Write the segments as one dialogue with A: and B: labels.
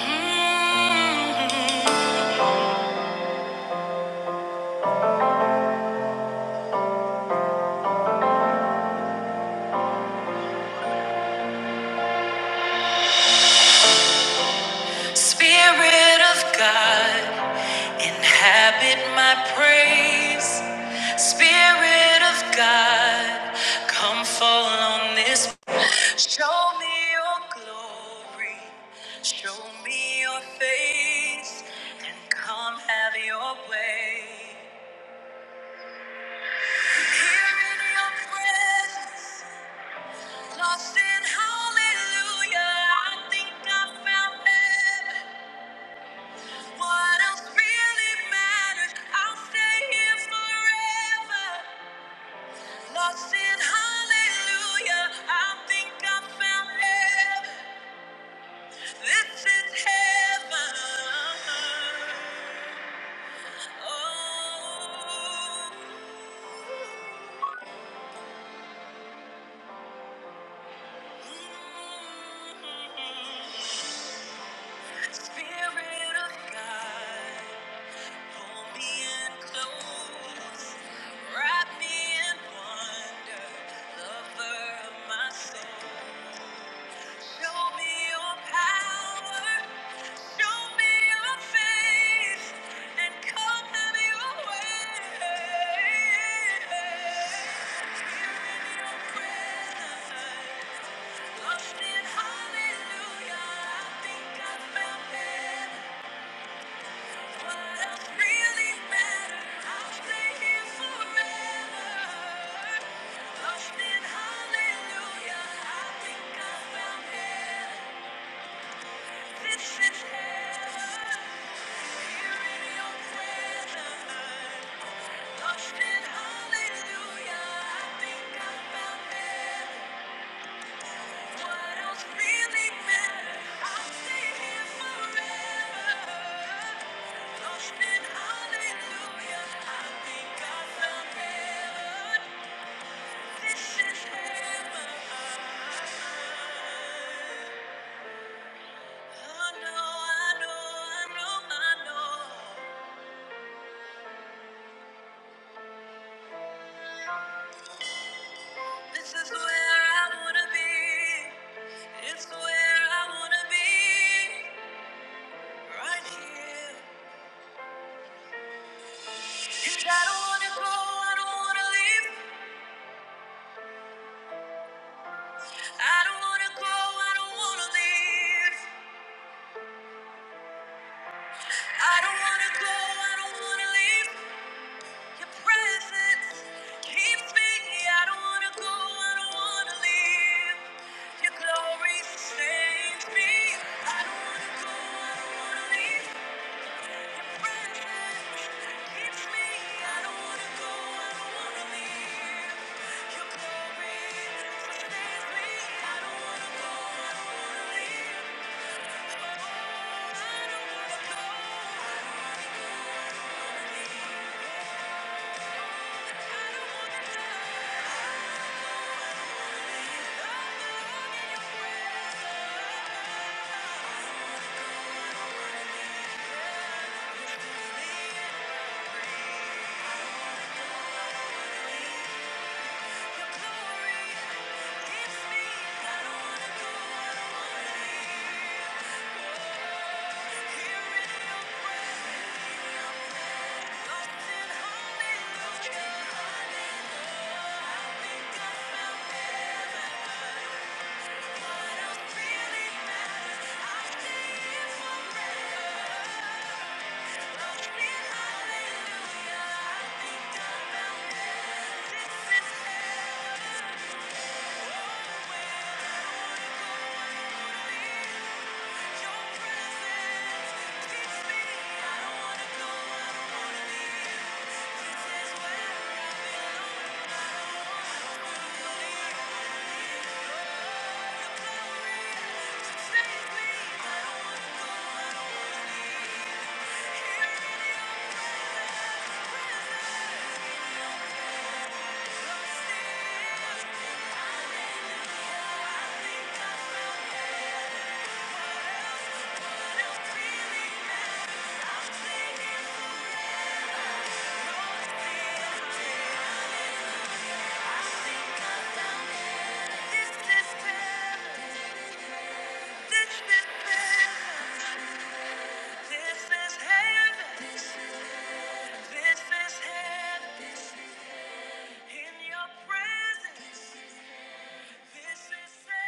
A: Mm. Spirit of God, inhabit my praise. Spirit of God, come fall on this. Show me your glory, show me your face, and come have your way. Here in your presence, lost in hallelujah, I think I found heaven. What else really matters? I'll stay here forever. Lost in hallelujah. I think I found heaven. This is heaven. Oh. Mm-hmm. Spirit of God. Pull me in close, wrap me in wonder, lover of my soul. Show me your power, show me your face, and come have your way. Here in your presence, lost in hallelujah, I think I found heaven. What else really matters? I'll stay here forever. I don't wanna go, I don't wanna leave. I don't wanna go, I don't wanna leave. I don't wanna go, I don't wanna leave. Your presence keeps me. I don't wanna go. I don't wanna leave. Your glory sustains me. I don't wanna go. I don't wanna leave. Your presence keeps me. I don't wanna go. I don't wanna leave. Your glory sustains me. I don't wanna go. I don't wanna leave. I don't wanna go. I don't wanna die. I'm alone in your presence. I you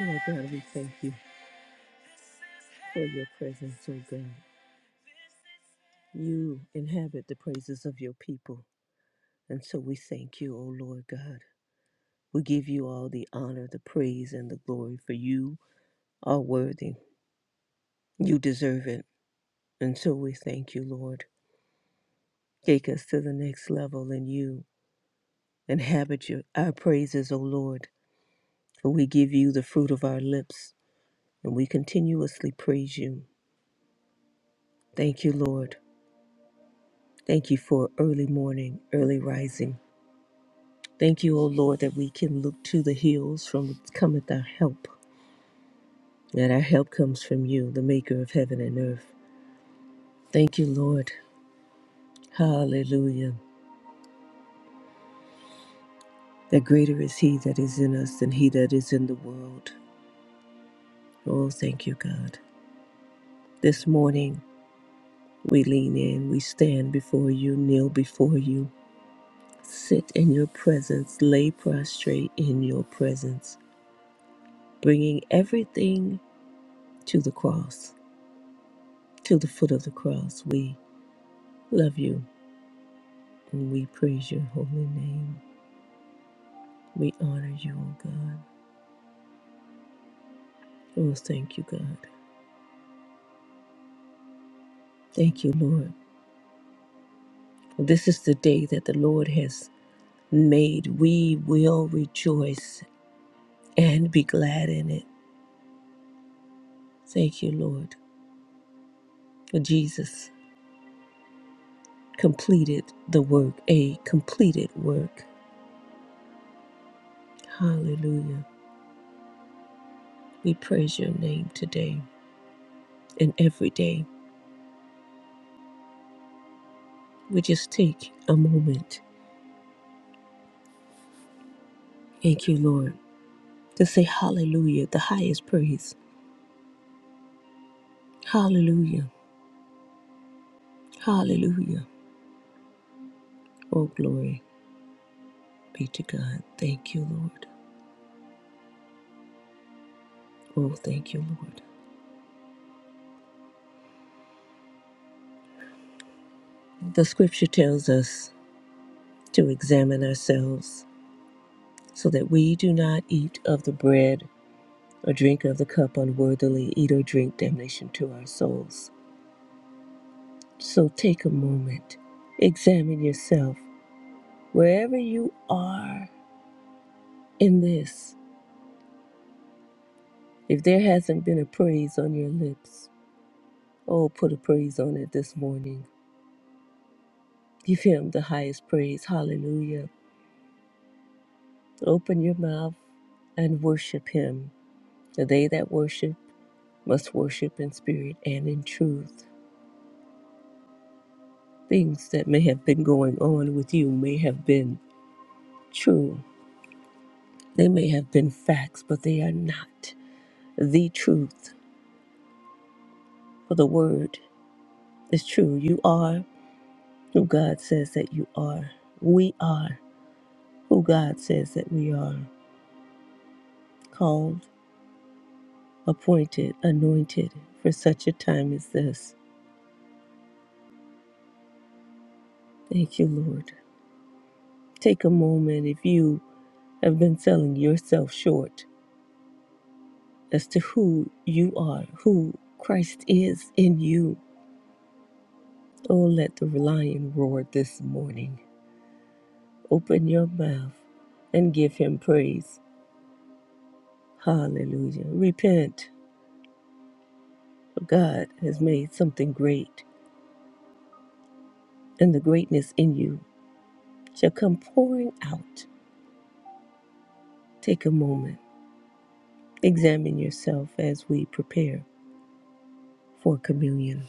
A: Oh God, we thank you for your presence, oh God. You inhabit the praises of your people. And so we thank you, O Lord God. We give you all the honor, the praise, and the glory, for you are worthy. You deserve it. And so we thank you, Lord. Take us to the next level in you. Inhabit your, our praises, O Lord, for we give you the fruit of our lips, and we continuously praise you. Thank you, Lord. Thank you for early morning, early rising. Thank you, O Lord, that we can look to the hills from whence cometh our help, and our help comes from you, the maker of heaven and earth. Thank you, Lord. Hallelujah. That greater is he that is in us than he that is in the world. Oh, thank you, God. This morning, we lean in, we stand before you, kneel before you, sit in your presence, lay prostrate in your presence, bringing everything to the cross, to the foot of the cross. We love you. And We praise your holy name. We honor you, O God. Oh, thank you, God. Thank you, Lord. This is the day that the Lord has made. We will rejoice and be glad in it. Thank you, Lord. For Jesus completed the work, a completed work. Hallelujah. We praise your name today and every day. We just take a moment. Thank you, Lord. To say hallelujah, the highest praise. Hallelujah. Hallelujah. Oh, glory be to God. Thank you, Lord. Oh, thank you, Lord. The scripture tells us to examine ourselves so that we do not eat of the bread or drink of the cup unworthily, eat or drink damnation to our souls. So take a moment, examine yourself wherever you are in this. If there hasn't been a praise on your lips, oh, put a praise on it this morning. Give him the highest praise. Hallelujah. Open your mouth and worship him. For they that worship must worship in spirit and in truth. Things that may have been going on with you may have been true. They may have been facts, but they are not the truth. For the word is true. You are who God says that you are. We are who God says that we are. Called, appointed, anointed for such a time as this. Thank you, Lord. Take a moment if you have been selling yourself short as to who you are, who Christ is in you. Oh, let the lion roar this morning. Open your mouth and give him praise. Hallelujah. Repent, for God has made something great, and the greatness in you shall come pouring out. Take a moment, examine yourself as we prepare for communion.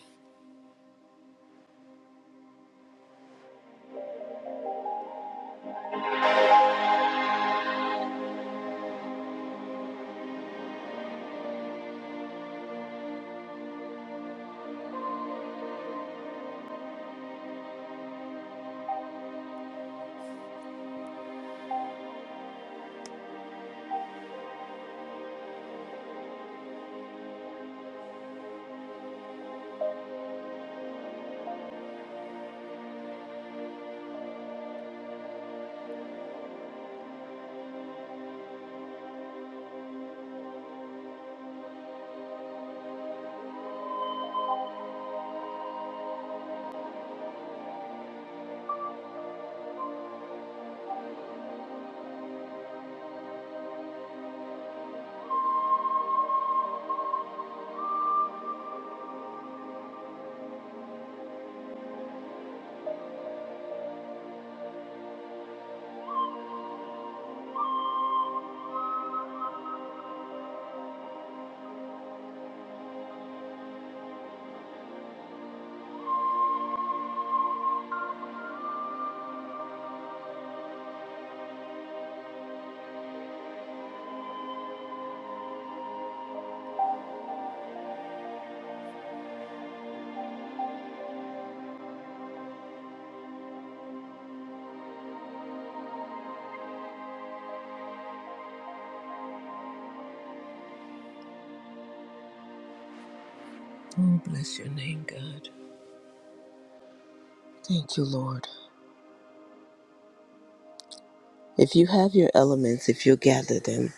A: Oh, bless your name, God. Thank you, Lord. If you have your elements, if you gather them,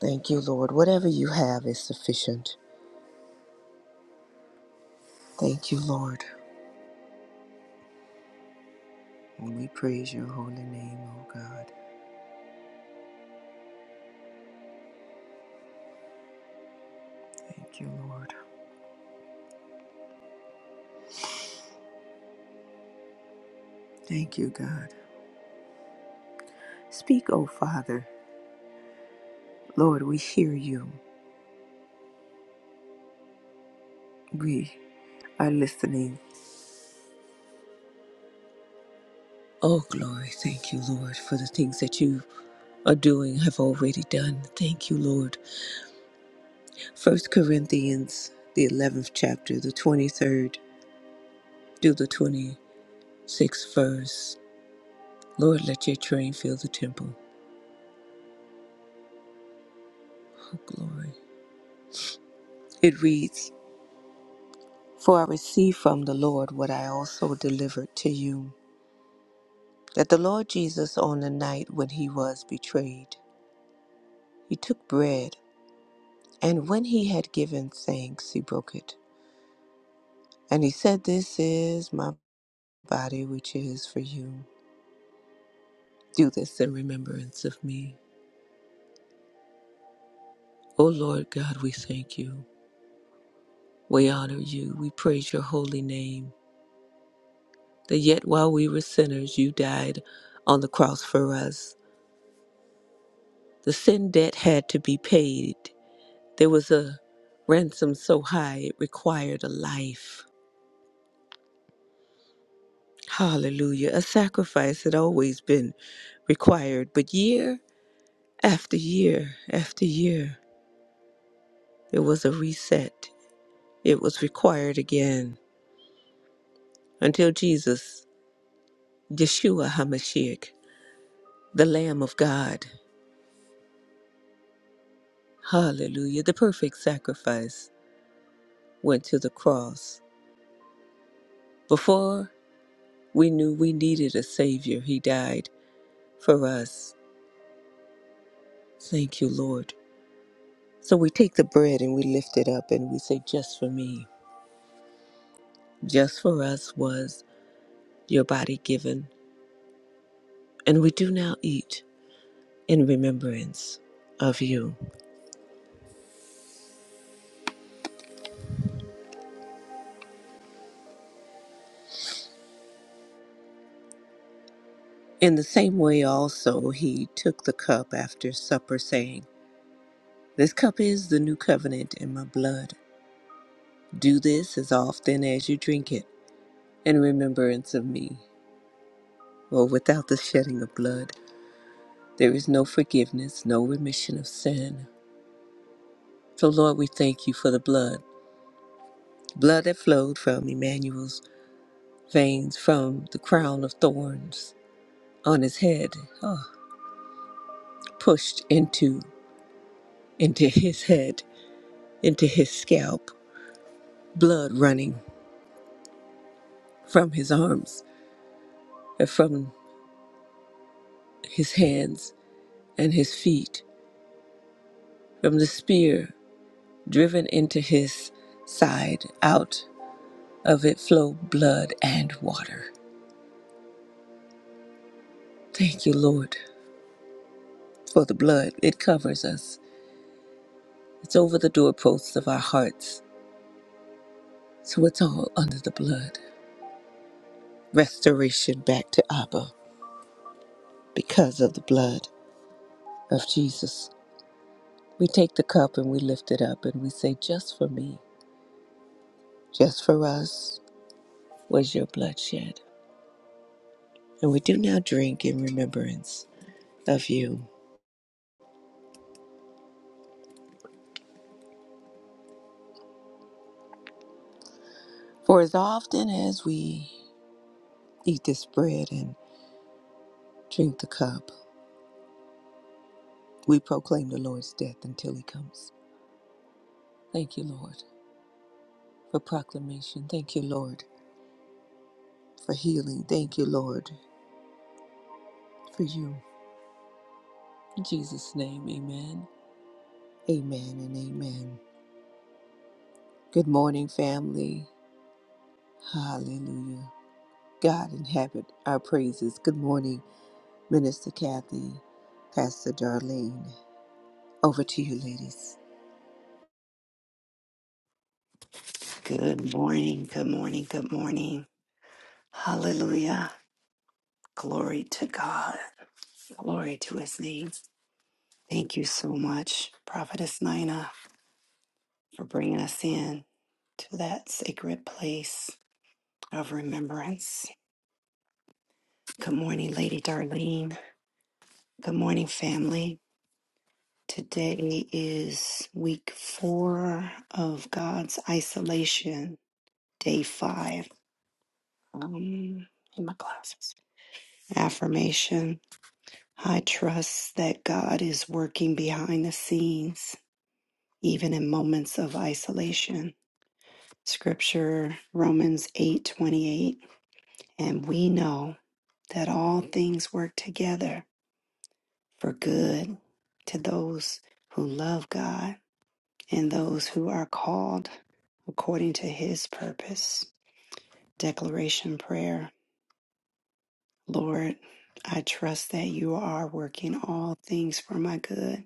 A: thank you, Lord. Whatever you have is sufficient. Thank you, Lord. And we praise your holy name, O God. Thank you, Lord. Thank you, God. Speak, O Father. Lord, we hear you. We are listening. Oh, glory. Thank you, Lord, for the things that you are doing have already done. Thank you, Lord. First Corinthians, the 11th chapter, the 23rd through the 26th verse. Lord, let your train fill the temple. Oh, glory. It reads, For I received from the Lord what I also delivered to you, that the Lord Jesus on the night when he was betrayed, he took bread, and when he had given thanks, he broke it. And he said, This is my body which is for you. Do this in remembrance of me. O Lord God, we thank you. We honor you. We praise your holy name. That yet while we were sinners, you died on the cross for us. The sin debt had to be paid. There was a ransom so high it required a life. Hallelujah. A sacrifice had always been required, but year after year after year, there was a reset. It was required again until Jesus. Yeshua HaMashiach, the Lamb of God, hallelujah, the perfect sacrifice, went to the cross. Before we knew we needed a Savior, He died for us. Thank you, Lord. So we take the bread and we lift it up and we say, Just for me, just for us was your body given. And we do now eat in remembrance of you. In the same way, also, He took the cup after supper, saying, This cup is the new covenant in my blood. Do this as often as you drink it in remembrance of me. For without the shedding of blood, there is no forgiveness, no remission of sin. So, Lord, we thank you for the blood, blood that flowed from Emmanuel's veins, from the crown of thorns on his head, oh, pushed into into his head, into his scalp, blood running from his arms and from his hands and his feet From the spear driven into his side, out of it flowed blood and water. Thank you, Lord, for the blood. It covers us, it's over the doorposts of our hearts. So it's all under the blood. Restoration back to Abba because of the blood of Jesus. We take the cup and we lift it up and we say, Just for me, just for us was your blood shed. And we do now drink in remembrance of you. For as often as we eat this bread and drink the cup, we proclaim the Lord's death until he comes. Thank you, Lord, for proclamation. Thank you, Lord, for healing. Thank you, Lord, for you. In Jesus' name, amen. Amen and amen. Good morning, family. Hallelujah. God inhabit our praises. Good morning, Minister Kathy, Pastor Darlene. Over to you, ladies.
B: Good morning, good morning, good morning. Hallelujah. Glory to God. Glory to his name. Thank you so much, Prophetess Nina, for bringing us in to that sacred place of remembrance. Good morning, Lady Darlene. Good morning, family. Today is week four of God's isolation, day five. Um, in my classes. Affirmation I trust that God is working behind the scenes, even in moments of isolation. Scripture Romans 8:28, and we know that all things work together for good to those who love God and those who are called according to his purpose. Declaration prayer Lord, I trust that you are working all things for my good,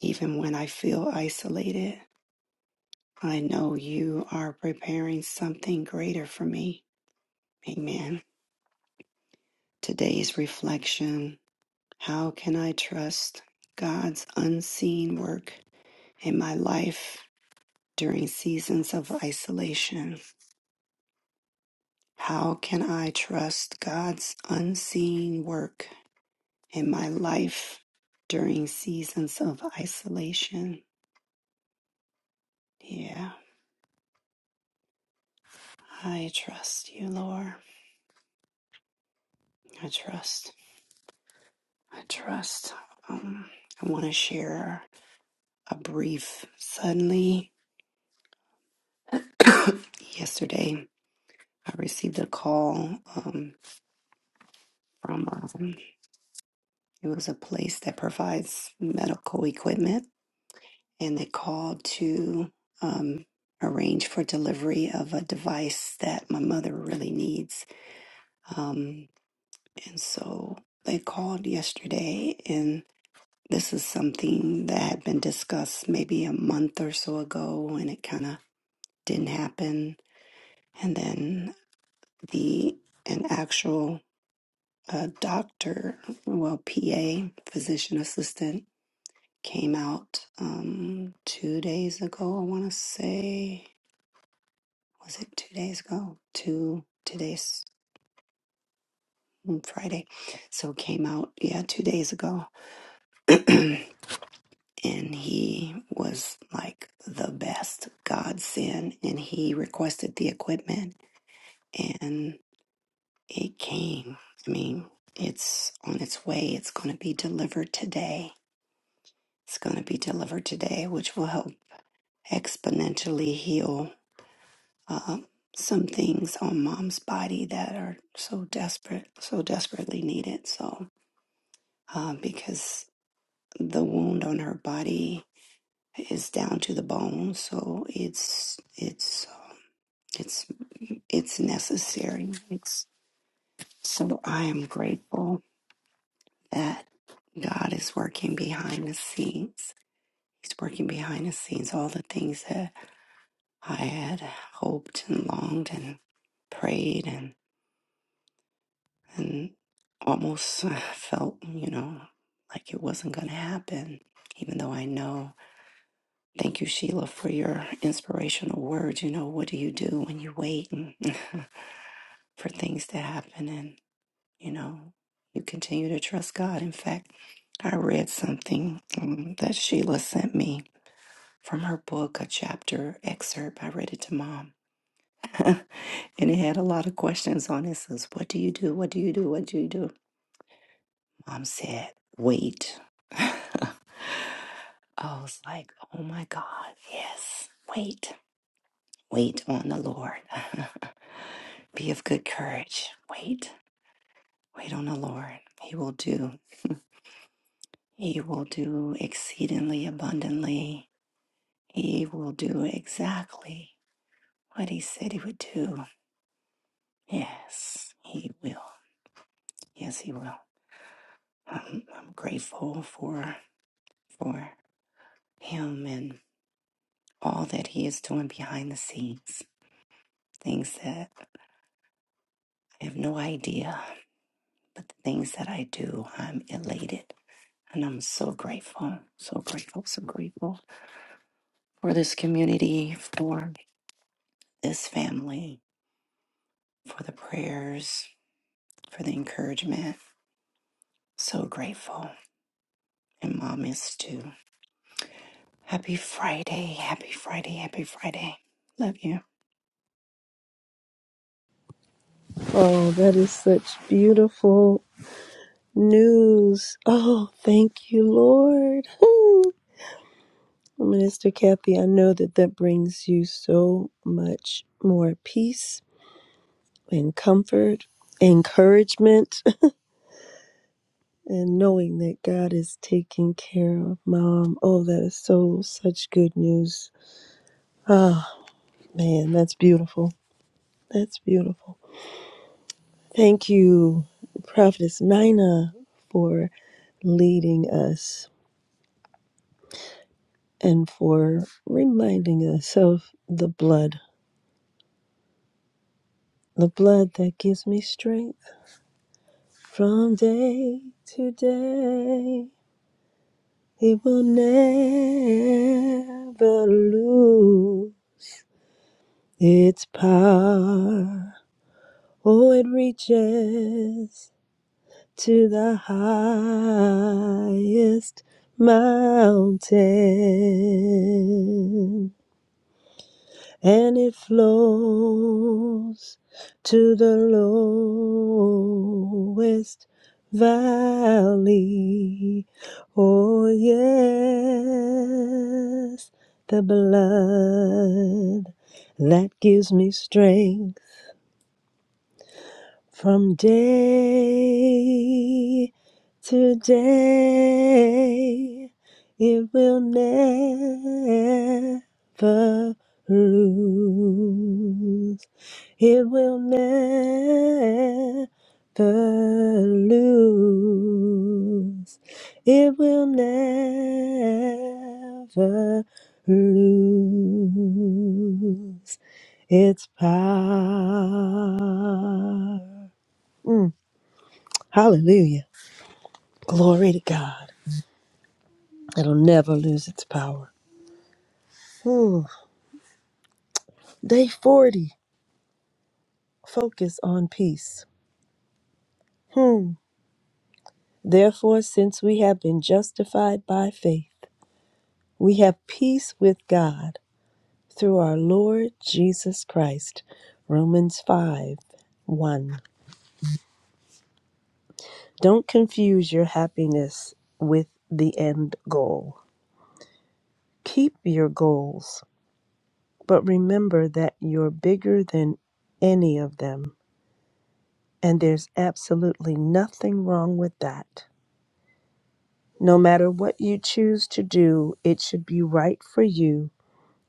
B: even when I feel isolated. I know you are preparing something greater for me. Amen. Today's reflection How can I trust God's unseen work in my life during seasons of isolation? How can I trust God's unseen work in my life during seasons of isolation? Yeah, I trust you, Lord. I trust. I trust. Um, I want to share. a brief. Suddenly, yesterday, I received a call um, from um, it was a place that provides medical equipment, and they called to um, arrange for delivery of a device that my mother really needs. Um, and so they called yesterday, and this is something that had been discussed maybe a month or so ago, and it kind of didn't happen. And then the an actual uh, doctor, well, PA, physician assistant, came out um, two days ago. I want to say, was it two days ago? Two today's mm, Friday, so came out yeah two days ago, and he was like the best godsend, and he requested the equipment, and it came. I mean, it's on its way. It's going to be delivered today It's going to be delivered today, which will help exponentially heal uh, some things on mom's body that are so desperate, so desperately needed. So, uh, because the wound on her body is down to the bone, so it's it's it's it's necessary. It's so I am grateful that God is working behind the scenes. He's working behind the scenes. All the things that I had hoped and longed and prayed and and almost uh, felt, you know, like it wasn't going to happen. Even though I know, thank you, Sheila, for your inspirational words. You know, what do you do when you wait and for things to happen? And, you know, you continue to trust God. In fact, I read something um, that Sheila sent me from her book, a chapter excerpt. I read it to mom and he had a lot of questions on it. Says, "What do you do? What do you do? What do you do?" Mom said, "Wait." I was like, "Oh my God, yes, wait, wait on the Lord. Be of good courage. Wait, wait on the Lord. He will do. He will do exceedingly abundantly. He will do exactly what He said He would do. Yes, He will. Yes, He will." I'm, I'm grateful for for. him and all that he is doing behind the scenes. Things that I have no idea, but the things that I do, I'm elated. And I'm so grateful, so grateful, so grateful for this community, for this family, for the prayers, for the encouragement. So grateful. And mom is too. Happy Friday, happy Friday, happy Friday. Love you.
C: Oh, that is such beautiful news. Oh, thank you, Lord. Hmm. Minister Kathy, I know that that brings you so much more peace and comfort, encouragement, and knowing that God is taking care of mom. Oh, that is so such good news. Ah, man, that's beautiful. That's beautiful. Thank you, Prophetess Nina, for leading us. and for reminding us of the blood, the blood that gives me strength from day to day. It will never lose its power. Oh, it reaches to the highest mountain. and it flows to the lowest valley. Oh, yes, the blood that gives me strength from day to day, it will never lose. It will never lose. It will never lose its power. Mm, hallelujah. Glory to God. It'll never lose its power. Ooh, Day 40. Focus on peace. Hmm. Therefore, since we have been justified by faith, we have peace with God through our Lord Jesus Christ. Romans 5 1. Don't confuse your happiness with the end goal. Keep your goals, but remember that you're bigger than any of them. And there's absolutely nothing wrong with that. No matter what you choose to do, it should be right for you.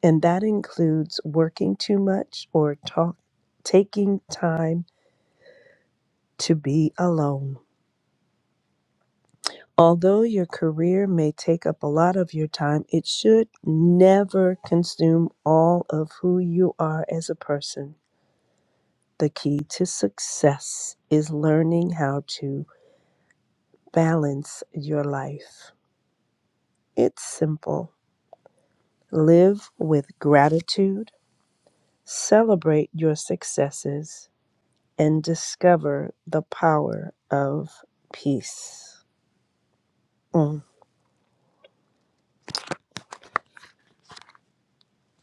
C: And that includes working too much or talk, taking time to be alone. Although your career may take up a lot of your time, it should never consume all of who you are as a person. The key to success is learning how to balance your life. It's simple. Live with gratitude, celebrate your successes, and discover the power of peace. Mm.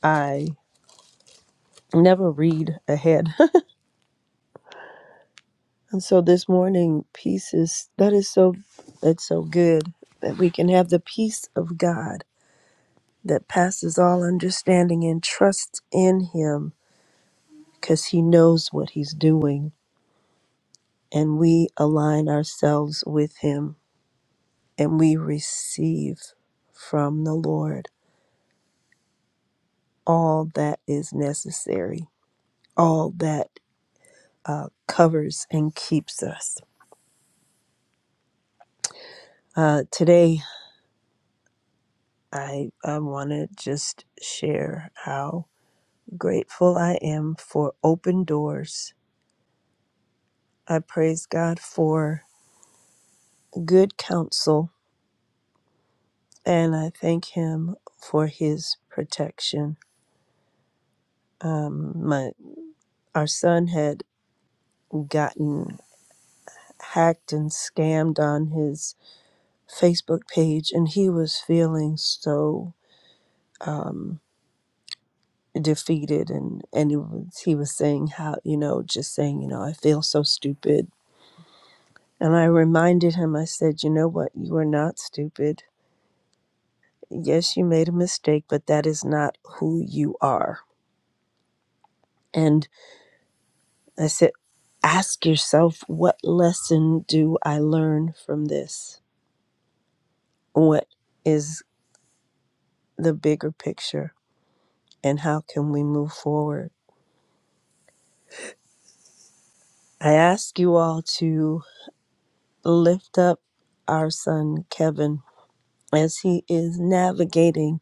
C: I never read ahead. and so this morning, peace is that is so that's so good that we can have the peace of God that passes all understanding and trust in him because he knows what he's doing and we align ourselves with him and we receive from the Lord all that is necessary, all that uh, covers and keeps us. Uh, today, I, I want to just share how grateful I am for open doors. I praise God for good counsel and I thank Him for His protection. Um, my, our son had gotten hacked and scammed on his Facebook page, and he was feeling so um, defeated and and he was, he was saying how you know just saying you know i feel so stupid and i reminded him i said you know what you are not stupid yes you made a mistake but that is not who you are and i said ask yourself what lesson do i learn from this what is the bigger picture and how can we move forward i ask you all to lift up our son Kevin as he is navigating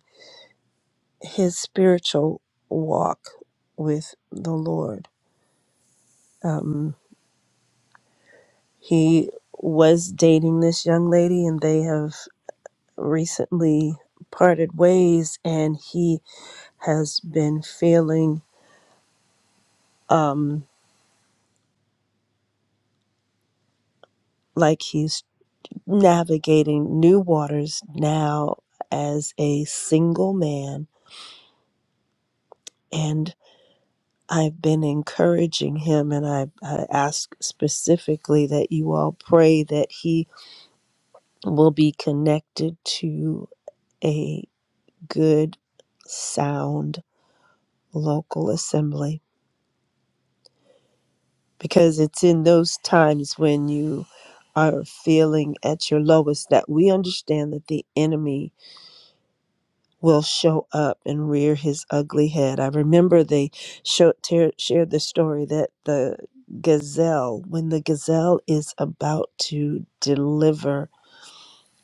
C: his spiritual walk with the Lord. Um, he was dating this young lady, and they have recently parted ways, and he has been feeling um, like he's navigating new waters now as a single man. and. I've been encouraging him, and I, I ask specifically that you all pray that he will be connected to a good, sound local assembly. Because it's in those times when you are feeling at your lowest that we understand that the enemy will show up and rear his ugly head. I remember they showed, ter- shared the story that the gazelle, when the gazelle is about to deliver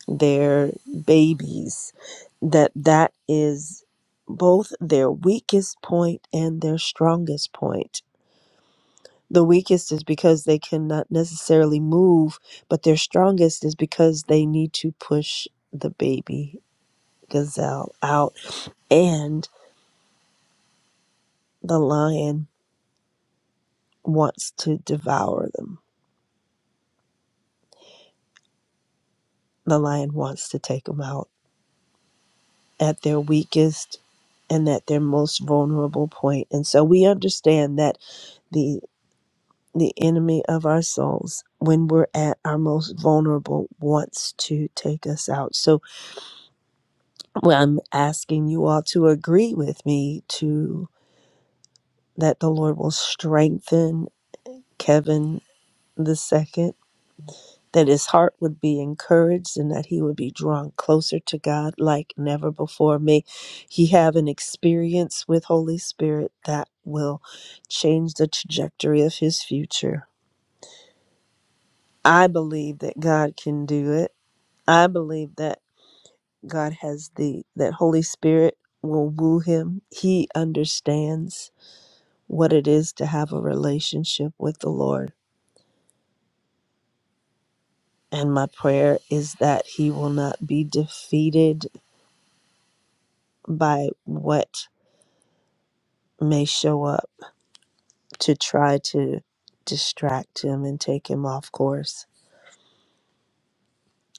C: their babies, that that is both their weakest point and their strongest point. The weakest is because they cannot necessarily move, but their strongest is because they need to push the baby gazelle out and the lion wants to devour them. The lion wants to take them out at their weakest and at their most vulnerable point. And so we understand that the the enemy of our souls when we're at our most vulnerable wants to take us out. So well, I'm asking you all to agree with me to that the Lord will strengthen Kevin the second. that his heart would be encouraged and that he would be drawn closer to God like never before. May he have an experience with Holy Spirit that will change the trajectory of his future. I believe that God can do it. I believe that God has the that Holy Spirit will woo him. He understands what it is to have a relationship with the Lord. And my prayer is that he will not be defeated by what may show up to try to distract him and take him off course.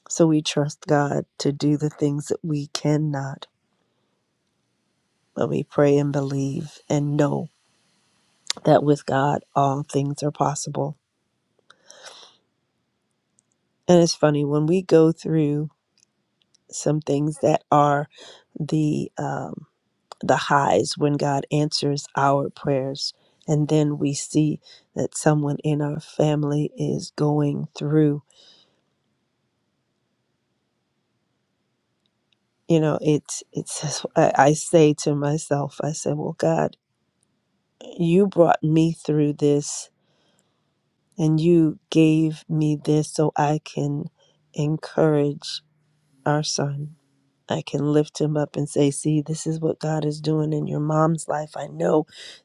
C: So we trust God to do the things that we cannot, but we pray and believe and know that with God, all things are possible. And it's funny when we go through some things that are the um, the highs when God answers our prayers, and then we see that someone in our family is going through. you know it's it's I, I say to myself i say well god you brought me through this and you gave me this so i can encourage our son i can lift him up and say see this is what god is doing in your mom's life i know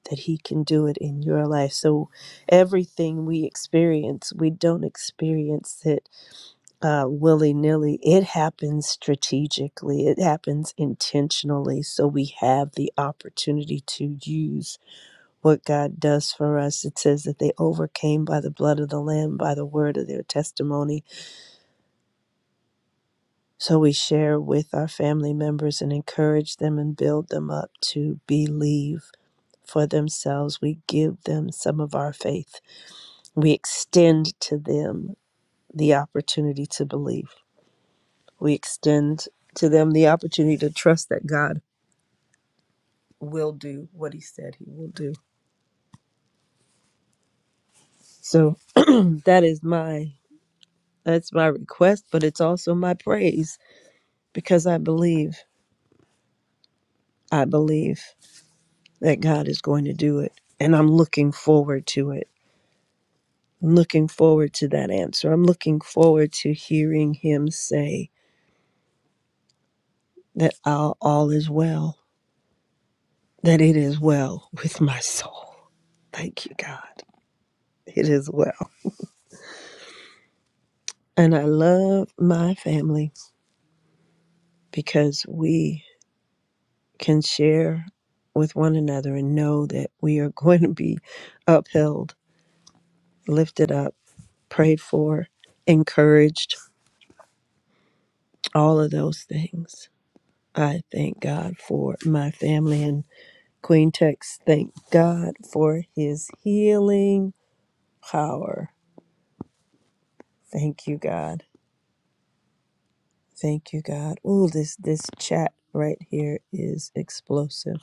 C: that he can do it in your life so everything we experience we don't experience it uh, willy nilly. It happens strategically, it happens intentionally. So we have the opportunity to use what God does for us. It says that they overcame by the blood of the Lamb, by the word of their testimony. So we share with our family members and encourage them and build them up to believe. For themselves, we give them some of our faith. We extend to them the opportunity to believe. We extend to them the opportunity to trust that God will do what he said he will do. So that is my that's my request, but it's also my praise because I believe I believe that God is going to do it and I'm looking forward to it. I'm looking forward to that answer. I'm looking forward to hearing him say that all, all is well, that it is well with my soul. Thank you, God. It is well. And I love my family because we can share with one another and know that we are going to be upheld, lifted up, prayed for, encouraged, all of those things. I thank God for my family and Queen Tex. Thank God for his healing power. Thank you, God. Thank you, God. Ooh, this this chat right here is explosive.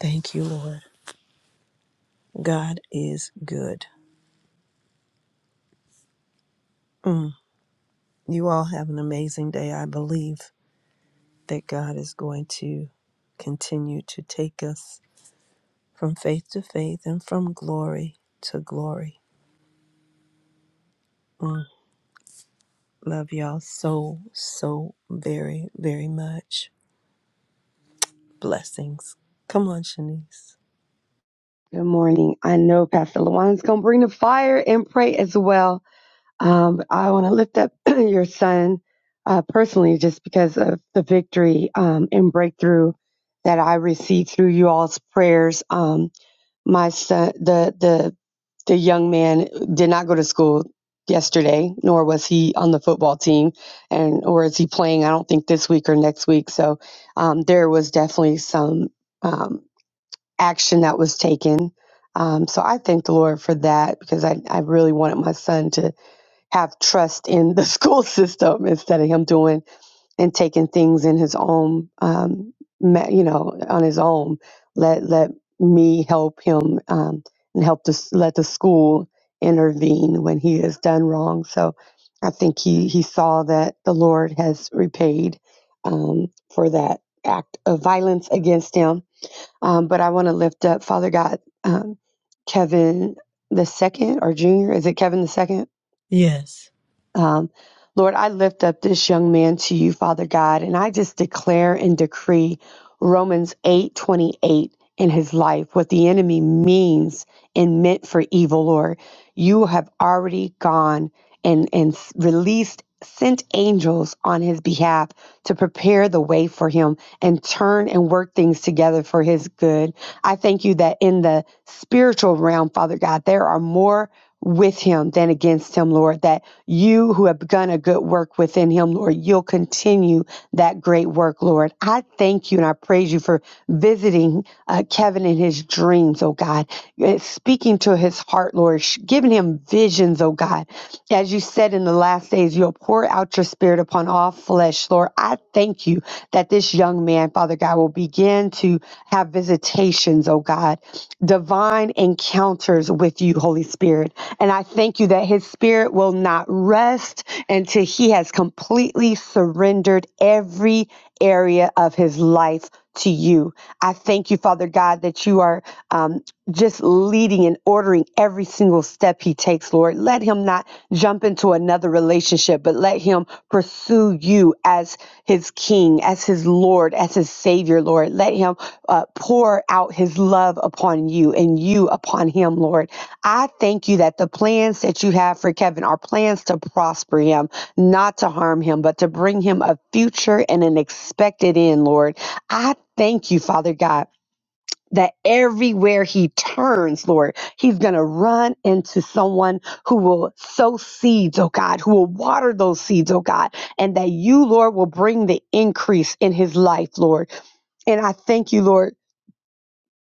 C: Thank you, Lord. God is good. Mm. You all have an amazing day. I believe that God is going to continue to take us from faith to faith and from glory to glory. Mm. Love y'all so, so very, very much. Blessings. Come on, Shanice.
D: Good morning. I know Pastor Lawan's going to bring the fire and pray as well. Um, but I want to lift up your son uh, personally just because of the victory um, and breakthrough that I received through you all's prayers. Um, my son, the, the, the young man did not go to school yesterday, nor was he on the football team and, or is he playing? I don't think this week or next week. So, um, there was definitely some, um action that was taken. Um, so I thank the Lord for that because I, I really wanted my son to have trust in the school system instead of him doing and taking things in his own, um, ma- you know, on his own. Let let me help him um, and help the s let the school intervene when he has done wrong. So I think he he saw that the Lord has repaid um, for that act of violence against him um, but I want to lift up, Father God, um, Kevin the second or Junior. Is it Kevin the second?
C: Yes.
D: Um, Lord, I lift up this young man to you, Father God, and I just declare and decree Romans eight twenty eight in his life, what the enemy means and meant for evil, Lord. You have already gone and, and s- released, sent angels on his behalf to prepare the way for him and turn and work things together for his good. I thank you that in the spiritual realm, Father God, there are more with him than against him, Lord. That you who have begun a good work within him, Lord, you'll continue that great work, Lord. I thank you and I praise you for visiting uh, Kevin in his dreams, oh God, uh, speaking to his heart, Lord, sh- giving him visions, oh God. As you said in the last days, you'll pour out your spirit upon all flesh, Lord. I thank you that this young young man, Father God, will begin to have visitations, oh God, divine encounters with you, Holy Spirit. And I thank you that his spirit will not rest until he has completely surrendered every area of his life to you. I thank you, Father God, that you are. Um, just leading and ordering every single step he takes, Lord. Let him not jump into another relationship, but let him pursue you as his king, as his Lord, as his Savior, Lord. Let him uh, pour out his love upon you and you upon him, Lord. I thank you that the plans that you have for Kevin are plans to prosper him, not to harm him, but to bring him a future and an expected end, Lord. I thank you, Father God that everywhere he turns, Lord, he's going to run into someone who will sow seeds, oh God, who will water those seeds, oh God, and that you, Lord, will bring the increase in his life, Lord. And I thank you, Lord.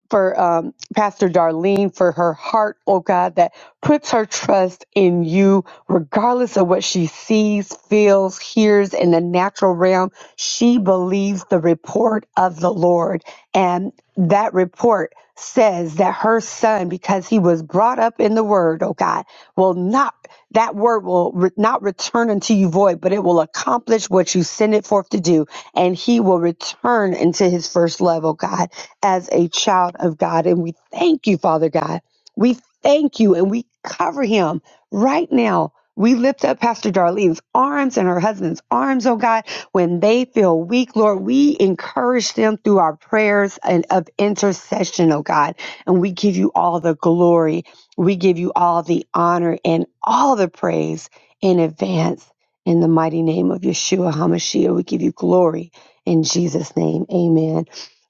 D: For um, Pastor Darlene, for her heart, oh God, that puts her trust in you regardless of what she sees, feels, hears in the natural realm, she believes the report of the Lord. And that report says that her son, because he was brought up in the word, oh God, will not, that word will re- not return unto you void, but it will accomplish what you send it forth to do. And he will return into his first love, oh God, as a child of God. And we thank you, Father God. We thank you and we cover him right now we lift up Pastor Darlene's arms and her husband's arms, oh God, when they feel weak, Lord. We encourage them through our prayers and of intercession, oh God. And we give you all the glory. We give you all the honor and all the praise in advance. In the mighty name of Yeshua HaMashiach, we give you glory in Jesus' name. Amen.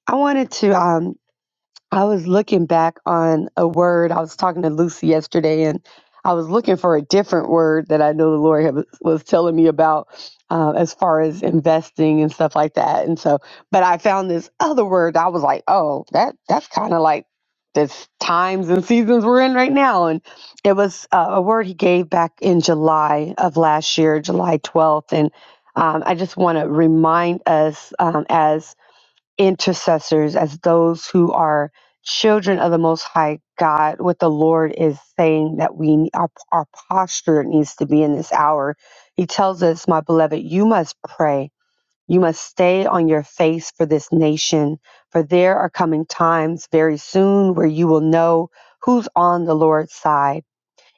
D: I wanted to um, I was looking back on a word. I was talking to Lucy yesterday, and I was looking for a different word that I know the Lord had, was telling me about uh, as far as investing and stuff like that. And so, but I found this other word. I was like, oh, that that's kind of like this times and seasons we're in right now. And it was uh, a word he gave back in July of last year, July 12th. And um, I just want to remind us um, as intercessors as those who are children of the most high god what the lord is saying that we our, our posture needs to be in this hour he tells us my beloved you must pray you must stay on your face for this nation for there are coming times very soon where you will know who's on the lord's side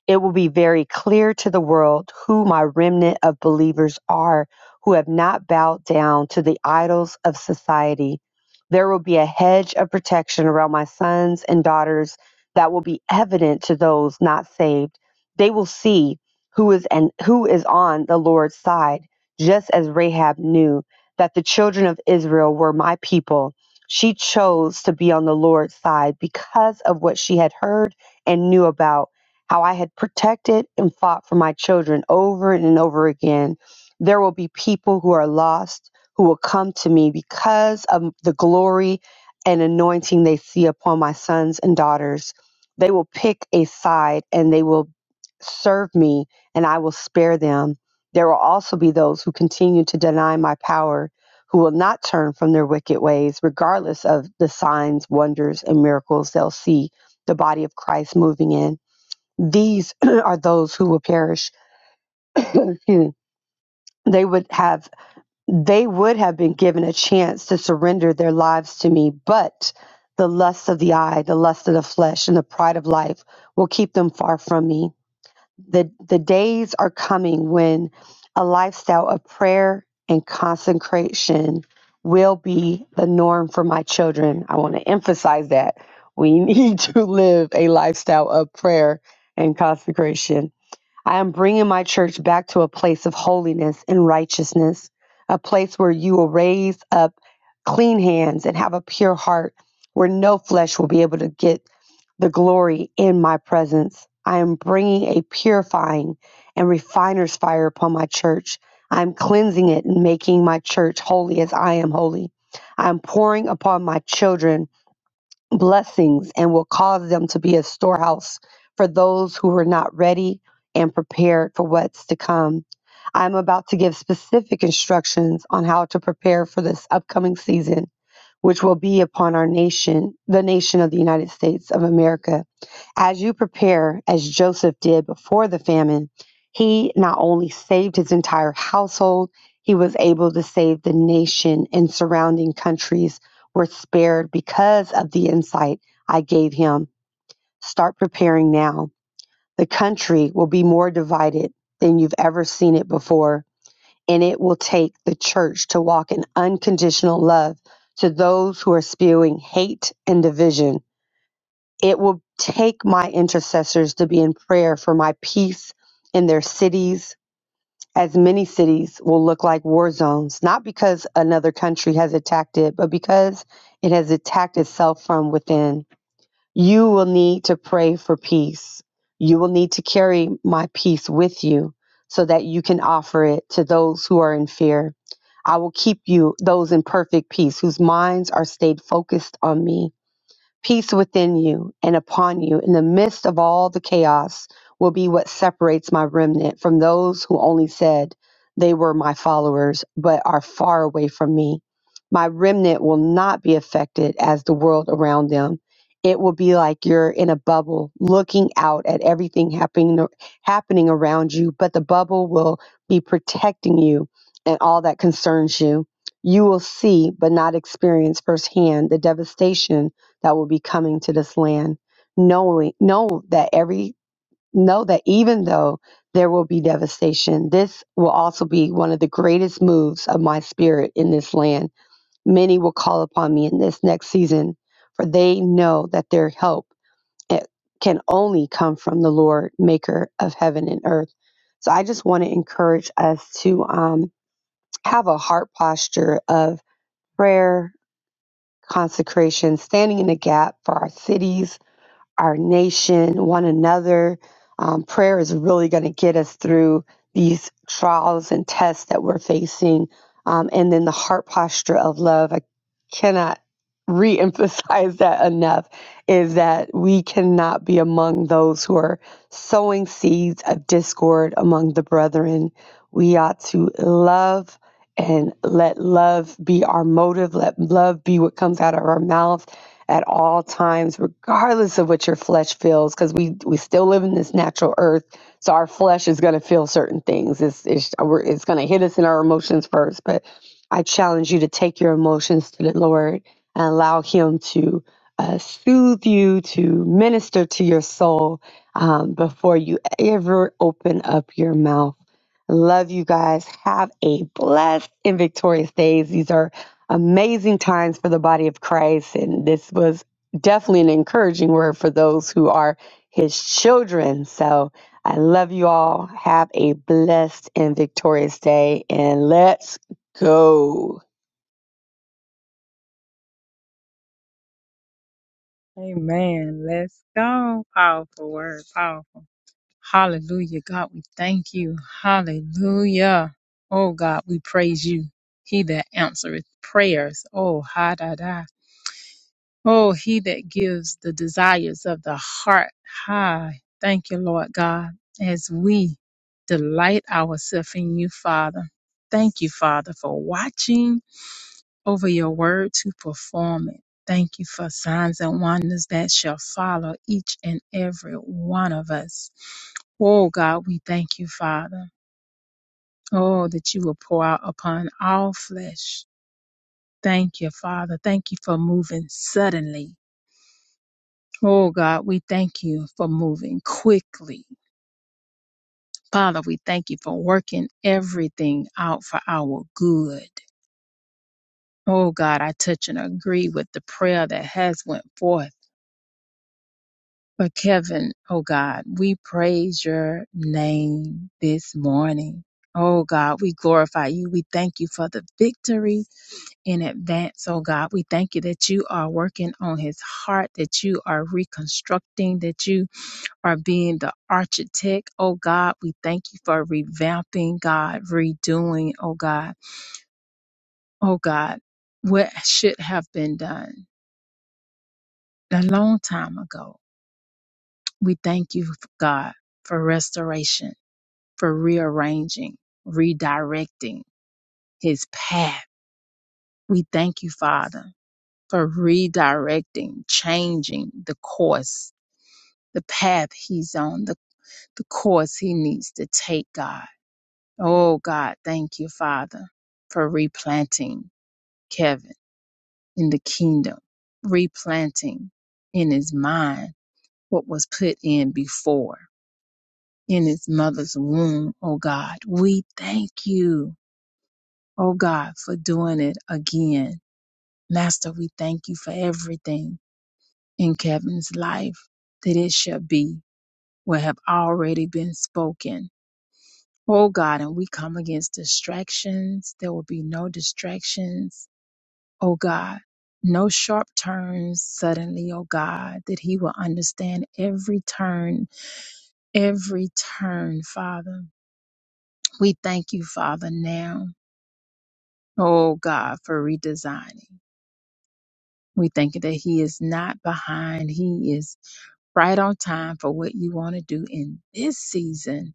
D: it will be very clear to the world who my remnant of believers are who have not bowed down to the idols of society. There will be a hedge of protection around my sons and daughters that will be evident to those not saved. They will see who is and who is on the Lord's side, just as Rahab knew that the children of Israel were my people. She chose to be on the Lord's side because of what she had heard and knew about how I had protected and fought for my children over and over again. There will be people who are lost who will come to me because of the glory and anointing they see upon my sons and daughters. They will pick a side and they will serve me, and I will spare them. There will also be those who continue to deny my power, who will not turn from their wicked ways, regardless of the signs, wonders, and miracles they'll see the body of Christ moving in. These are those who will perish. Excuse me. They would have they would have been given a chance to surrender their lives to me, but the lust of the eye, the lust of the flesh, and the pride of life will keep them far from me. The the days are coming when a lifestyle of prayer and consecration will be the norm for my children. I want to emphasize that we need to live a lifestyle of prayer and consecration I am bringing my church back to a place of holiness and righteousness, a place where you will raise up clean hands and have a pure heart, where no flesh will be able to get the glory in my presence. I am bringing a purifying and refiner's fire upon my church. I am cleansing it and making my church holy as I am holy. I am pouring upon my children blessings and will cause them to be a storehouse for those who are not ready and prepared for what's to come. I'm about to give specific instructions on how to prepare for this upcoming season, which will be upon our nation, the nation of the United States of America. As you prepare, as Joseph did before the famine, he not only saved his entire household, he was able to save the nation and surrounding countries were spared because of the insight I gave him. Start preparing now. The country will be more divided than you've ever seen it before, and it will take the church to walk in unconditional love to those who are spewing hate and division. It will take my intercessors to be in prayer for my peace in their cities, as many cities will look like war zones, not because another country has attacked it, but because it has attacked itself from within. You will need to pray for peace. You will need to carry my peace with you so that you can offer it to those who are in fear. I will keep you, those in perfect peace, whose minds are stayed focused on me Peace within you and upon you in the midst of all the chaos will be what separates my remnant from those who only said they were my followers but are far away from me. My remnant will not be affected as the world around them. It will be like you're in a bubble looking out at everything happening happening around you, but the bubble will be protecting you and all that concerns you. You will see but not experience firsthand the devastation that will be coming to this land, knowing know that every know that even though there will be devastation, this will also be one of the greatest moves of my spirit in this land. Many will call upon me in this next season, for they know that their help eh, can only come from the Lord, maker of heaven and earth. So I just want to encourage us to um, have a heart posture of prayer, consecration, standing in the gap for our cities, our nation, one another. Um, prayer is really going to get us through these trials and tests that we're facing. Um, and then the heart posture of love. I cannot re-emphasize that enough is that we cannot be among those who are sowing seeds of discord among the brethren. We ought to love and let love be our motive. Let love be what comes out of our mouth at all times, regardless of what your flesh feels, because we we still live in this natural earth. So our flesh is going to feel certain things. It's it's, we're- it's going to hit us in our emotions first. But I challenge you to take your emotions to the Lord and allow Him to uh, soothe you, to minister to your soul um, before you ever open up your mouth. Love you guys. Have a blessed and victorious days. These are amazing times for the body of Christ. And this was definitely an encouraging word for those who are his children. So I love you all. Have a blessed and victorious day. And let's go.
E: Amen. Let's go. Powerful word. Powerful. Hallelujah. God, we thank you. Hallelujah. Oh God, we praise you. He that answereth prayers. Oh, ha da da. Oh, he that gives the desires of the heart. Hi. Thank you, Lord God, as we delight ourselves in you, Father. Thank you, Father, for watching over your word to perform it. Thank you for signs and wonders that shall follow each and every one of us. Oh God, we thank you, Father. Oh, that you will pour out upon all flesh. Thank you, Father. Thank you for moving suddenly. Oh God, we thank you for moving quickly. Father, we thank you for working everything out for our good. Oh God, I touch and agree with the prayer that has went forth. But Kevin, oh God, we praise your name this morning. Oh God, we glorify you. We thank you for the victory in advance. Oh God, we thank you that you are working on his heart, that you are reconstructing, that you are being the architect. Oh God, we thank you for revamping, God, redoing, oh God, oh God, what should have been done a long time ago. We thank you, God, for restoration. for rearranging, redirecting his path. We thank you, Father, for redirecting, changing the course, the path he's on, the, the course he needs to take, God. Oh, God, thank you, Father, for replanting Kevin in the kingdom, replanting in his mind what was put in before in his mother's womb, oh God. We thank you oh God, for doing it again. Master, we thank you for everything in Kevin's life that it shall be what have already been spoken. Oh God, and we come against distractions. There will be no distractions. Oh God, no sharp turns suddenly, oh God, that he will understand every turn, every turn, Father. We thank you, Father, now, oh God, for redesigning. We thank you that He is not behind. He is right on time for what you want to do in this season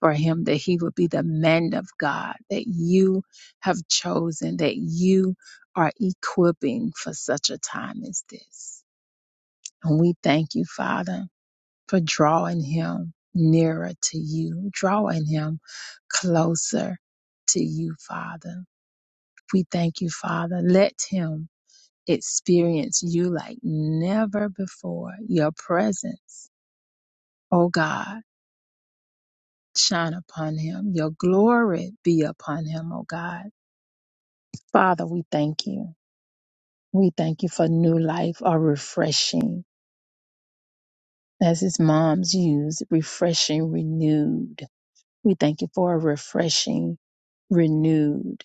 E: for Him, that He would be the man of God that you have chosen, that you are equipping for such a time as this. And we thank you, Father, for drawing Him nearer to you, drawing Him closer to you, Father. We thank you, Father. Let Him experience you like never before. Your presence, oh God, shine upon him. Your glory be upon him, oh God. Father, we thank you. We thank you for new life, a refreshing, as his moms use, refreshing, renewed. We thank you for a refreshing, renewed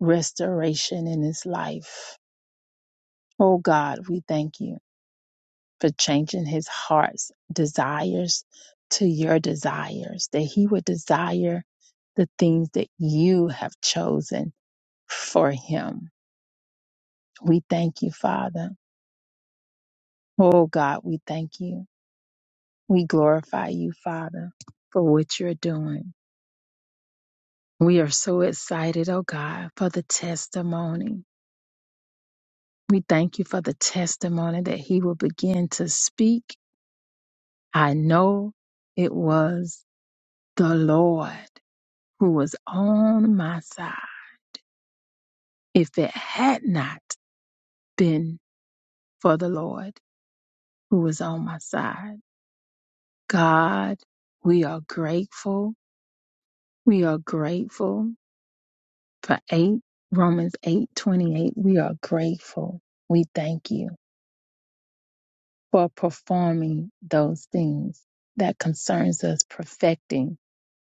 E: restoration in his life. Oh God, we thank you. for changing his heart's desires to your desires, that he would desire the things that you have chosen for him. We thank you, Father. Oh God, we thank you. We glorify you, Father, for what you're doing. We are so excited, oh God, for the testimony. We thank you for the testimony that he will begin to speak. I know it was the Lord. who was on my side. If it had not been for the Lord who was on my side, God, we are grateful. We are grateful for 8 Romans 8:28. We are grateful. We thank you for performing those things that concerns us perfecting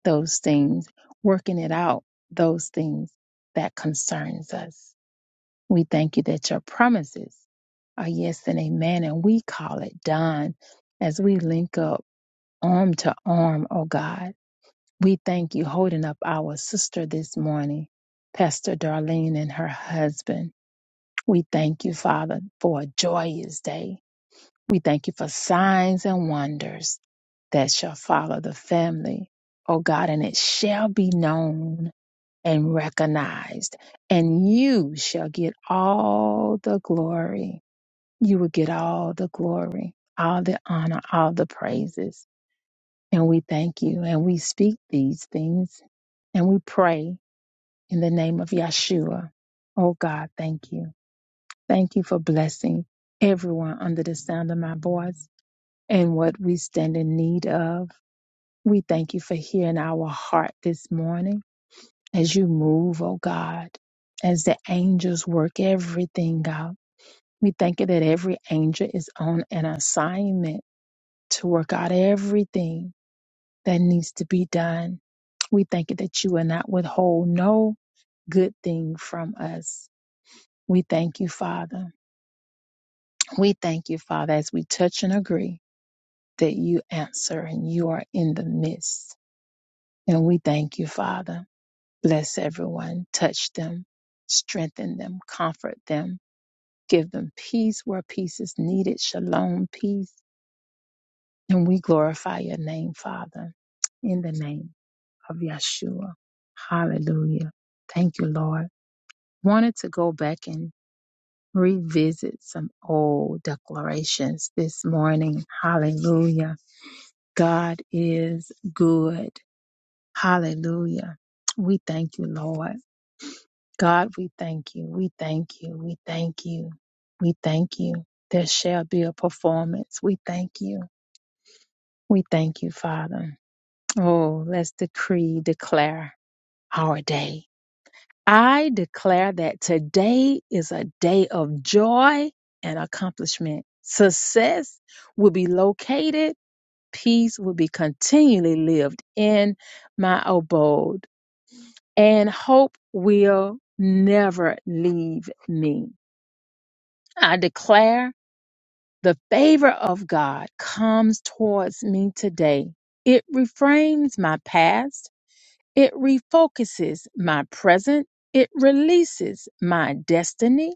E: those things, working it out those things that concerns us. We thank you that your promises are yes and amen, and we call it done as we link up arm to arm, oh God. We thank you holding up our sister this morning, Pastor Darlene and her husband. We thank you, Father, for a joyous day. We thank you for signs and wonders that shall follow the family, oh God, and it shall be known and recognized, and you shall get all the glory. You will get all the glory, all the honor, all the praises. And we thank you and we speak these things and we pray in the name of Yeshua. Oh God, thank you. Thank you for blessing everyone under the sound of my voice and what we stand in need of. We thank you for hearing our heart this morning. as you move, oh God, as the angels work everything out. We thank you that every angel is on an assignment to work out everything that needs to be done. We thank you that you will not withhold no good thing from us. We thank you, Father. We thank you, Father, as we touch and agree that you answer and you are in the midst. And we thank you, Father. Bless everyone, touch them, strengthen them, comfort them Give them peace where peace is needed. Shalom, peace. And we glorify your name, Father, in the name of Yeshua. Hallelujah. Thank you, Lord. Wanted to go back and revisit some old declarations this morning. Hallelujah. God is good. Hallelujah. We thank you, Lord. God, we thank you. We thank you. We thank you. We thank you. There shall be a performance. We thank you. We thank you, Father. Oh, let's decree, declare our day. I declare that today is a day of joy and accomplishment. Success will be located. Peace will be continually lived in my abode. And hope will never leave me. I declare the favor of God comes towards me today. It reframes my past. It refocuses my present. It releases my destiny.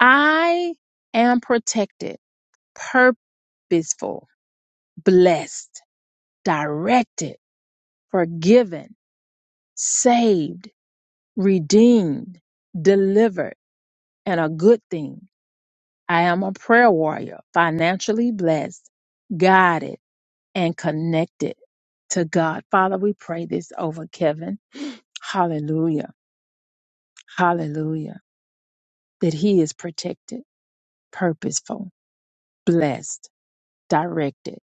E: I am protected, purposeful, blessed, directed, forgiven, saved, redeemed, delivered, and a good thing. I am a prayer warrior, financially blessed, guided and connected to God. Father, we pray this over Kevin. Hallelujah. Hallelujah. That he is protected, purposeful, blessed, directed,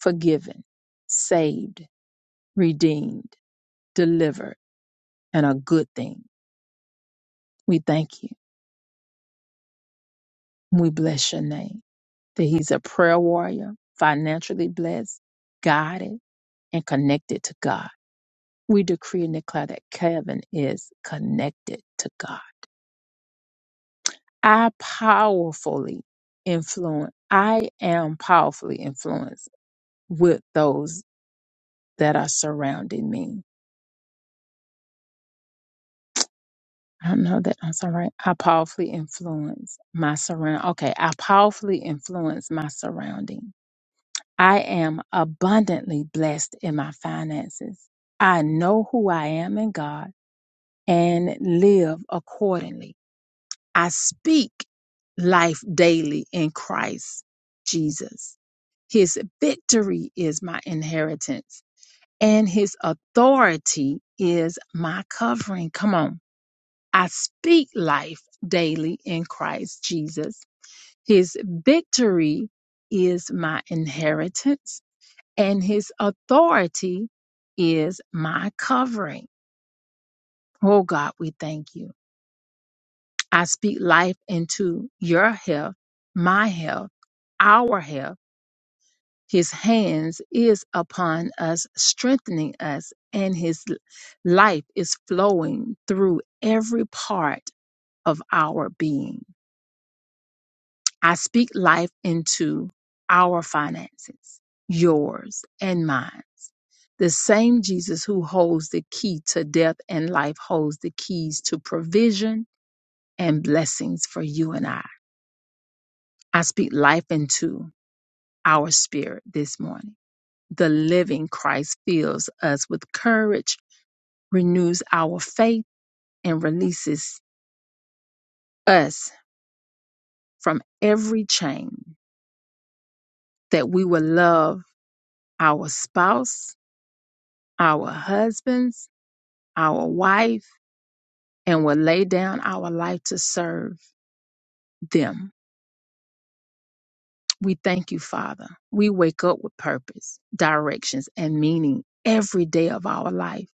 E: forgiven, saved, redeemed, delivered, and a good thing. We thank you. We bless your name. That he's a prayer warrior, financially blessed, guided, and connected to God. We decree and declare that Kevin is connected to God I powerfully influence, I am powerfully influenced with those that are surrounding me. I don't know that I'm sorry. right? I powerfully influence my surround. Okay, I powerfully influence my surrounding. I am abundantly blessed in my finances. I know who I am in God and live accordingly. I speak life daily in Christ Jesus. His victory is my inheritance, and his authority is my covering. Come on. I speak life daily in Christ Jesus. His victory is my inheritance, and his authority is my covering. Oh God, we thank you. I speak life into your health, my health, our health His hands is upon us, strengthening us, and his life is flowing through every part of our being. I speak life into our finances, yours and mine. The same Jesus who holds the key to death and life holds the keys to provision and blessings for you and I. I speak life into our spirit this morning. The living Christ fills us with courage renews our faith and releases us from every chain that we will love our spouse, our husbands, our wife, and will lay down our life to serve them. We thank you, Father. We wake up with purpose, directions, and meaning every day of our life.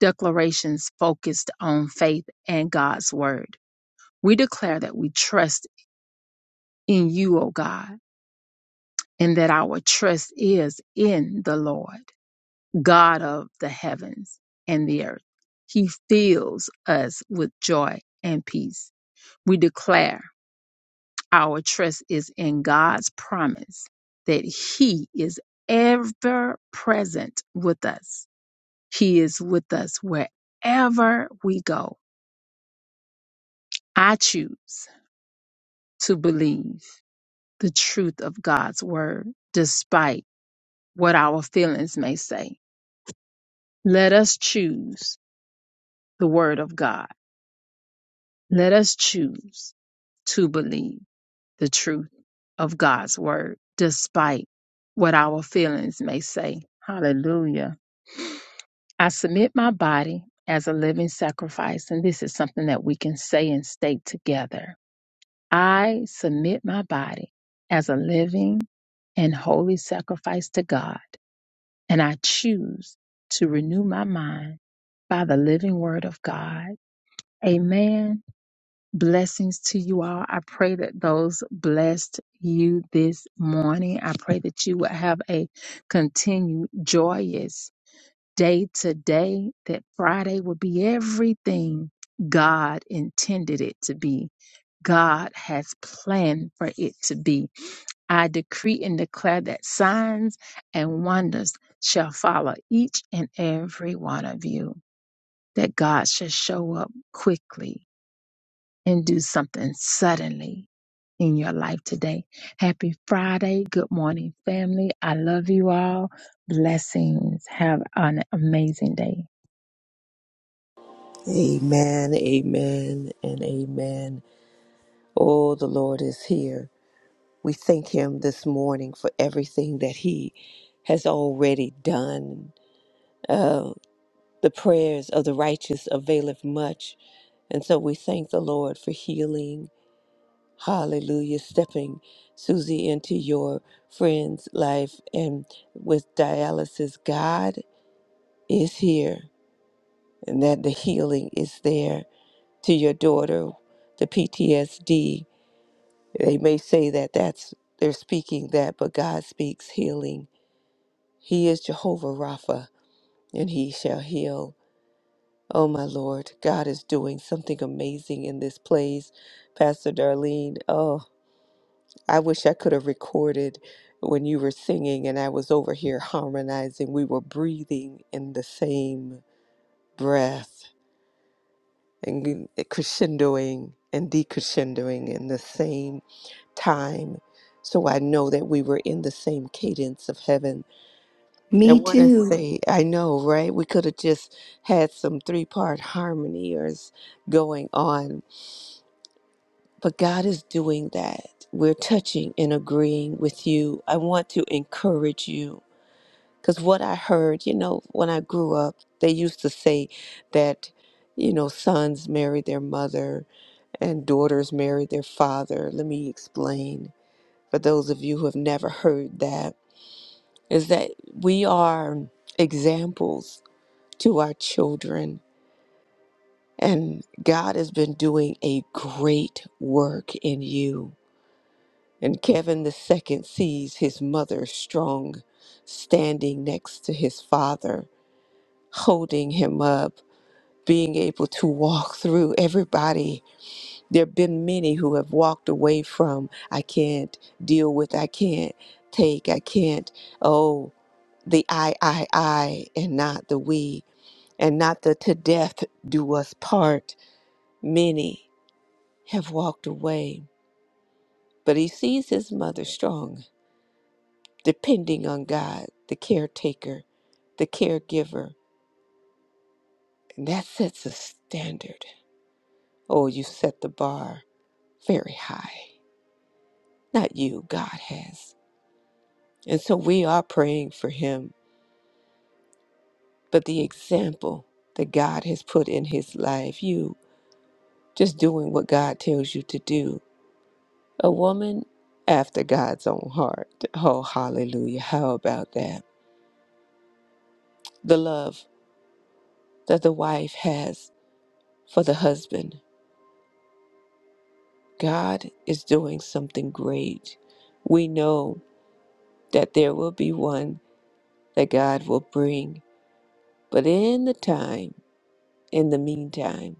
E: Declarations focused on faith and God's word. We declare that we trust in you, O God and that our trust is in the Lord, God of the heavens and the earth. He fills us with joy and peace. We declare our trust is in God's promise that He is ever present with us. He is with us wherever we go. I choose to believe the truth of God's word despite what our feelings may say. Let us choose the word of God. Let us choose to believe the truth of God's word, despite what our feelings may say. Hallelujah. I submit my body as a living sacrifice, and this is something that we can say and state together. I submit my body as a living and holy sacrifice to God, and I choose to renew my mind by the living word of God. Amen. Blessings to you all. I pray that those blessed you this morning. I pray that you would have a continued joyous day today, that Friday will be everything God intended it to be. God has planned for it to be. I decree and declare that signs and wonders shall follow each and every one of you, that God shall show up quickly and do something suddenly in your life today. Happy Friday. Good morning, family. I love you all. Blessings. Have an amazing day.
A: Amen, amen, and amen. Oh, the Lord is here. We thank Him this morning for everything that He has already done. Uh, the prayers of the righteous availeth much. And so we thank the Lord for healing. Hallelujah. Stepping Susie into your friend's life and with dialysis, God is here and that the healing is there to your daughter, the PTSD. They may say that that's they're speaking that, but God speaks healing. He is Jehovah Rapha, and he shall heal. Oh my Lord, God is doing something amazing in this place. Pastor Darlene, oh, I wish I could have recorded when you were singing and I was over here harmonizing. We were breathing in the same breath and crescendoing and decrescendoing in the same time. So I know that we were in the same cadence of heaven.
B: Me
A: And what I want to
B: too.
A: say, I know, right? We could have just had some three part harmony or s- going on, but God is doing that. We're touching and agreeing with you. I want to encourage you because what I heard, you know, when I grew up, they used to say that, you know, sons marry their mother and daughters marry their father. Let me explain for those of you who have never heard that is that we are examples to our children. And God has been doing a great work in you. And Kevin the second sees his mother strong, standing next to his father, holding him up, being able to walk through everybody. There have been many who have walked away from, I can't deal with, I can't take, I can't, oh, the I, I, I, and not the we and not the to death do us part. Many have walked away, but he sees his mother strong, depending on God, the caretaker, the caregiver, and that sets a standard. Oh, you set the bar very high. Not you, God has. And so we are praying for him, but the example that God has put in his life, you just doing what God tells you to do A woman after God's own heart. Oh, hallelujah. How about that? The love that the wife has for the husband. God is doing something great. We know that there will be one that God will bring. But in the time, in the meantime,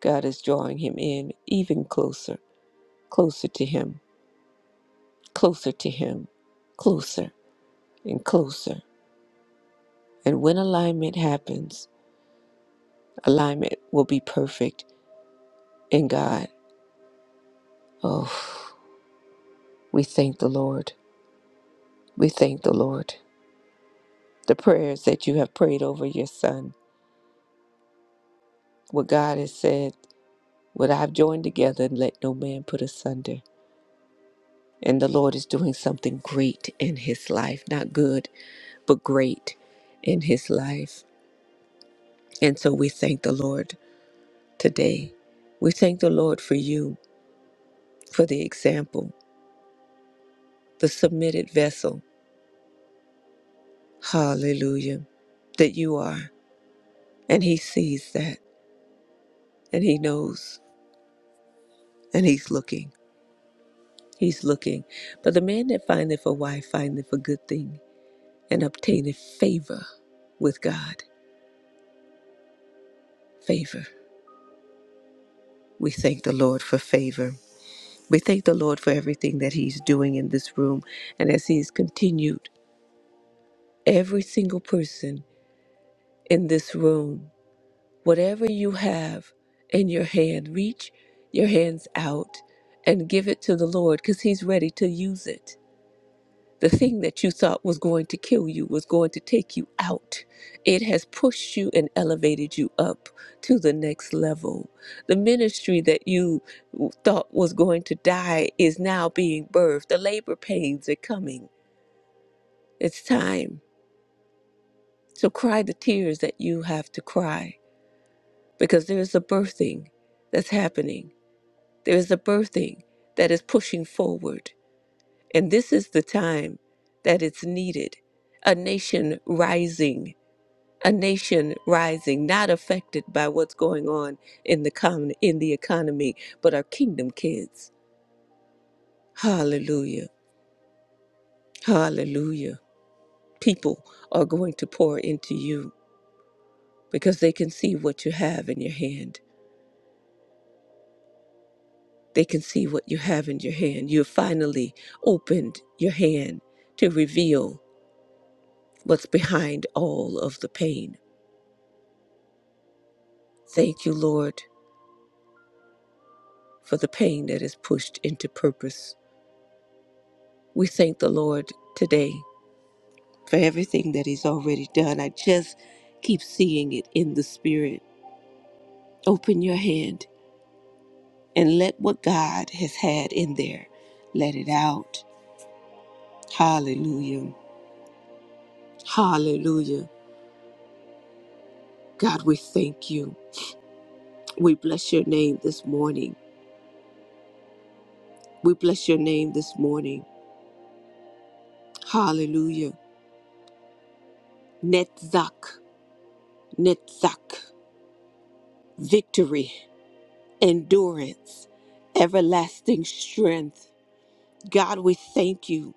A: God is drawing him in even closer, closer to him, closer to him, closer and closer. And when alignment happens, alignment will be perfect And God, oh, we thank the Lord. We thank the Lord. The prayers that you have prayed over your son, what God has said, what I've joined together, let no man put asunder. And the Lord is doing something great in his life, not good, but great in his life. And so we thank the Lord today. We thank the Lord for you, for the example, the submitted vessel. Hallelujah. That you are. And he sees that and he knows. And he's looking, he's looking. But the man that findeth a wife findeth a good thing and obtaineth favor with God. Favor. We thank the Lord for favor. We thank the Lord for everything that he's doing in this room. And as he's continued, every single person in this room, whatever you have in your hand, reach your hands out and give it to the Lord because he's ready to use it. The thing that you thought was going to kill you was going to take you out. It has pushed you and elevated you up to the next level. The ministry that you thought was going to die is now being birthed. The labor pains are coming. It's time. So cry the tears that you have to cry because there is a birthing that's happening. There is a birthing that is pushing forward. And this is the time that it's needed. A nation rising a nation rising, not affected by what's going on in the com- in the economy, but our kingdom kids. Hallelujah. Hallelujah. People are going to pour into you because they can see what you have in your hand. They can see what you have in your hand. You have finally opened your hand to reveal what's behind all of the pain. Thank you, Lord, for the pain that is pushed into purpose. We thank the Lord today for everything that He's already done. I just keep seeing it in the Spirit. Open your hand and let what God has had in there, let it out. Hallelujah. Hallelujah. God, we thank you. We bless your name this morning. We bless your name this morning. Hallelujah. Netzach, Netzach, victory, endurance, everlasting strength. God, we thank you.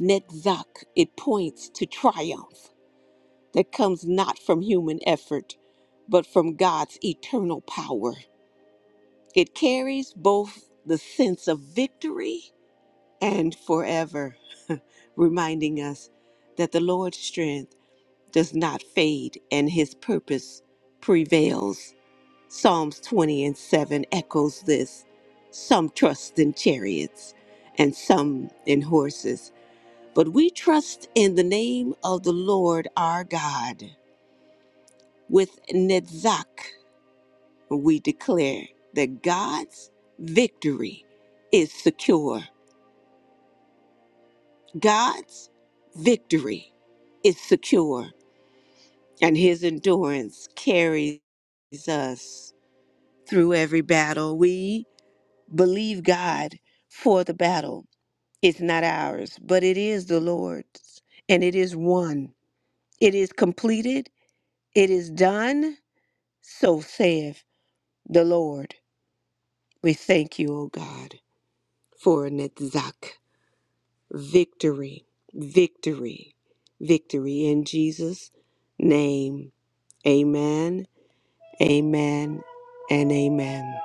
A: Netzach, it points to triumph that comes not from human effort, but from God's eternal power. It carries both the sense of victory and forever, reminding us that the Lord's strength does not fade and his purpose prevails. Psalms 20 and 7 echoes this. Some trust in chariots and some in horses But we trust in the name of the Lord our God. With Netzach, we declare that God's victory is secure. God's victory is secure, and his endurance carries us through every battle. We believe God for the battle. It's not ours, but it is the Lord's, and it is won. It is completed, it is done, So saith the Lord. We thank you, O God, for Netzach. Victory, victory, victory in Jesus' name. Amen, amen, and amen.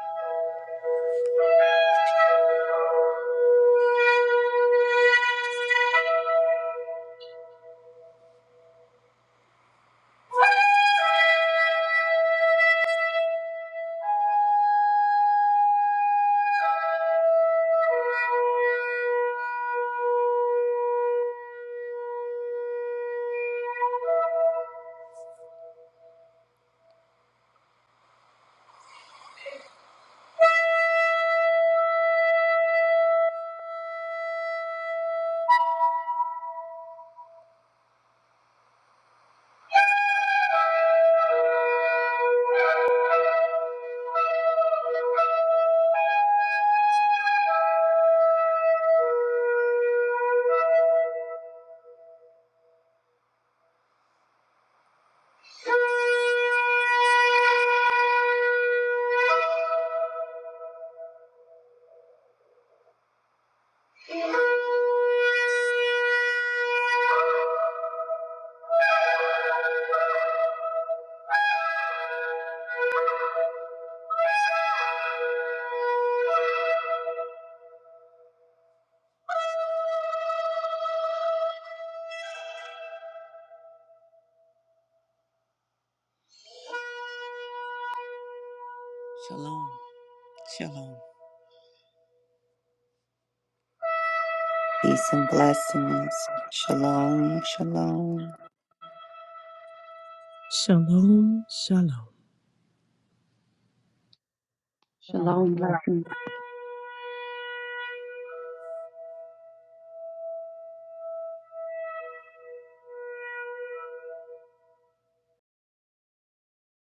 A: Shalom. Shalom.
B: Peace and blessings. Shalom, shalom.
C: Shalom, shalom.
E: Shalom.
D: Shalom.
E: Blessings.
D: Love you.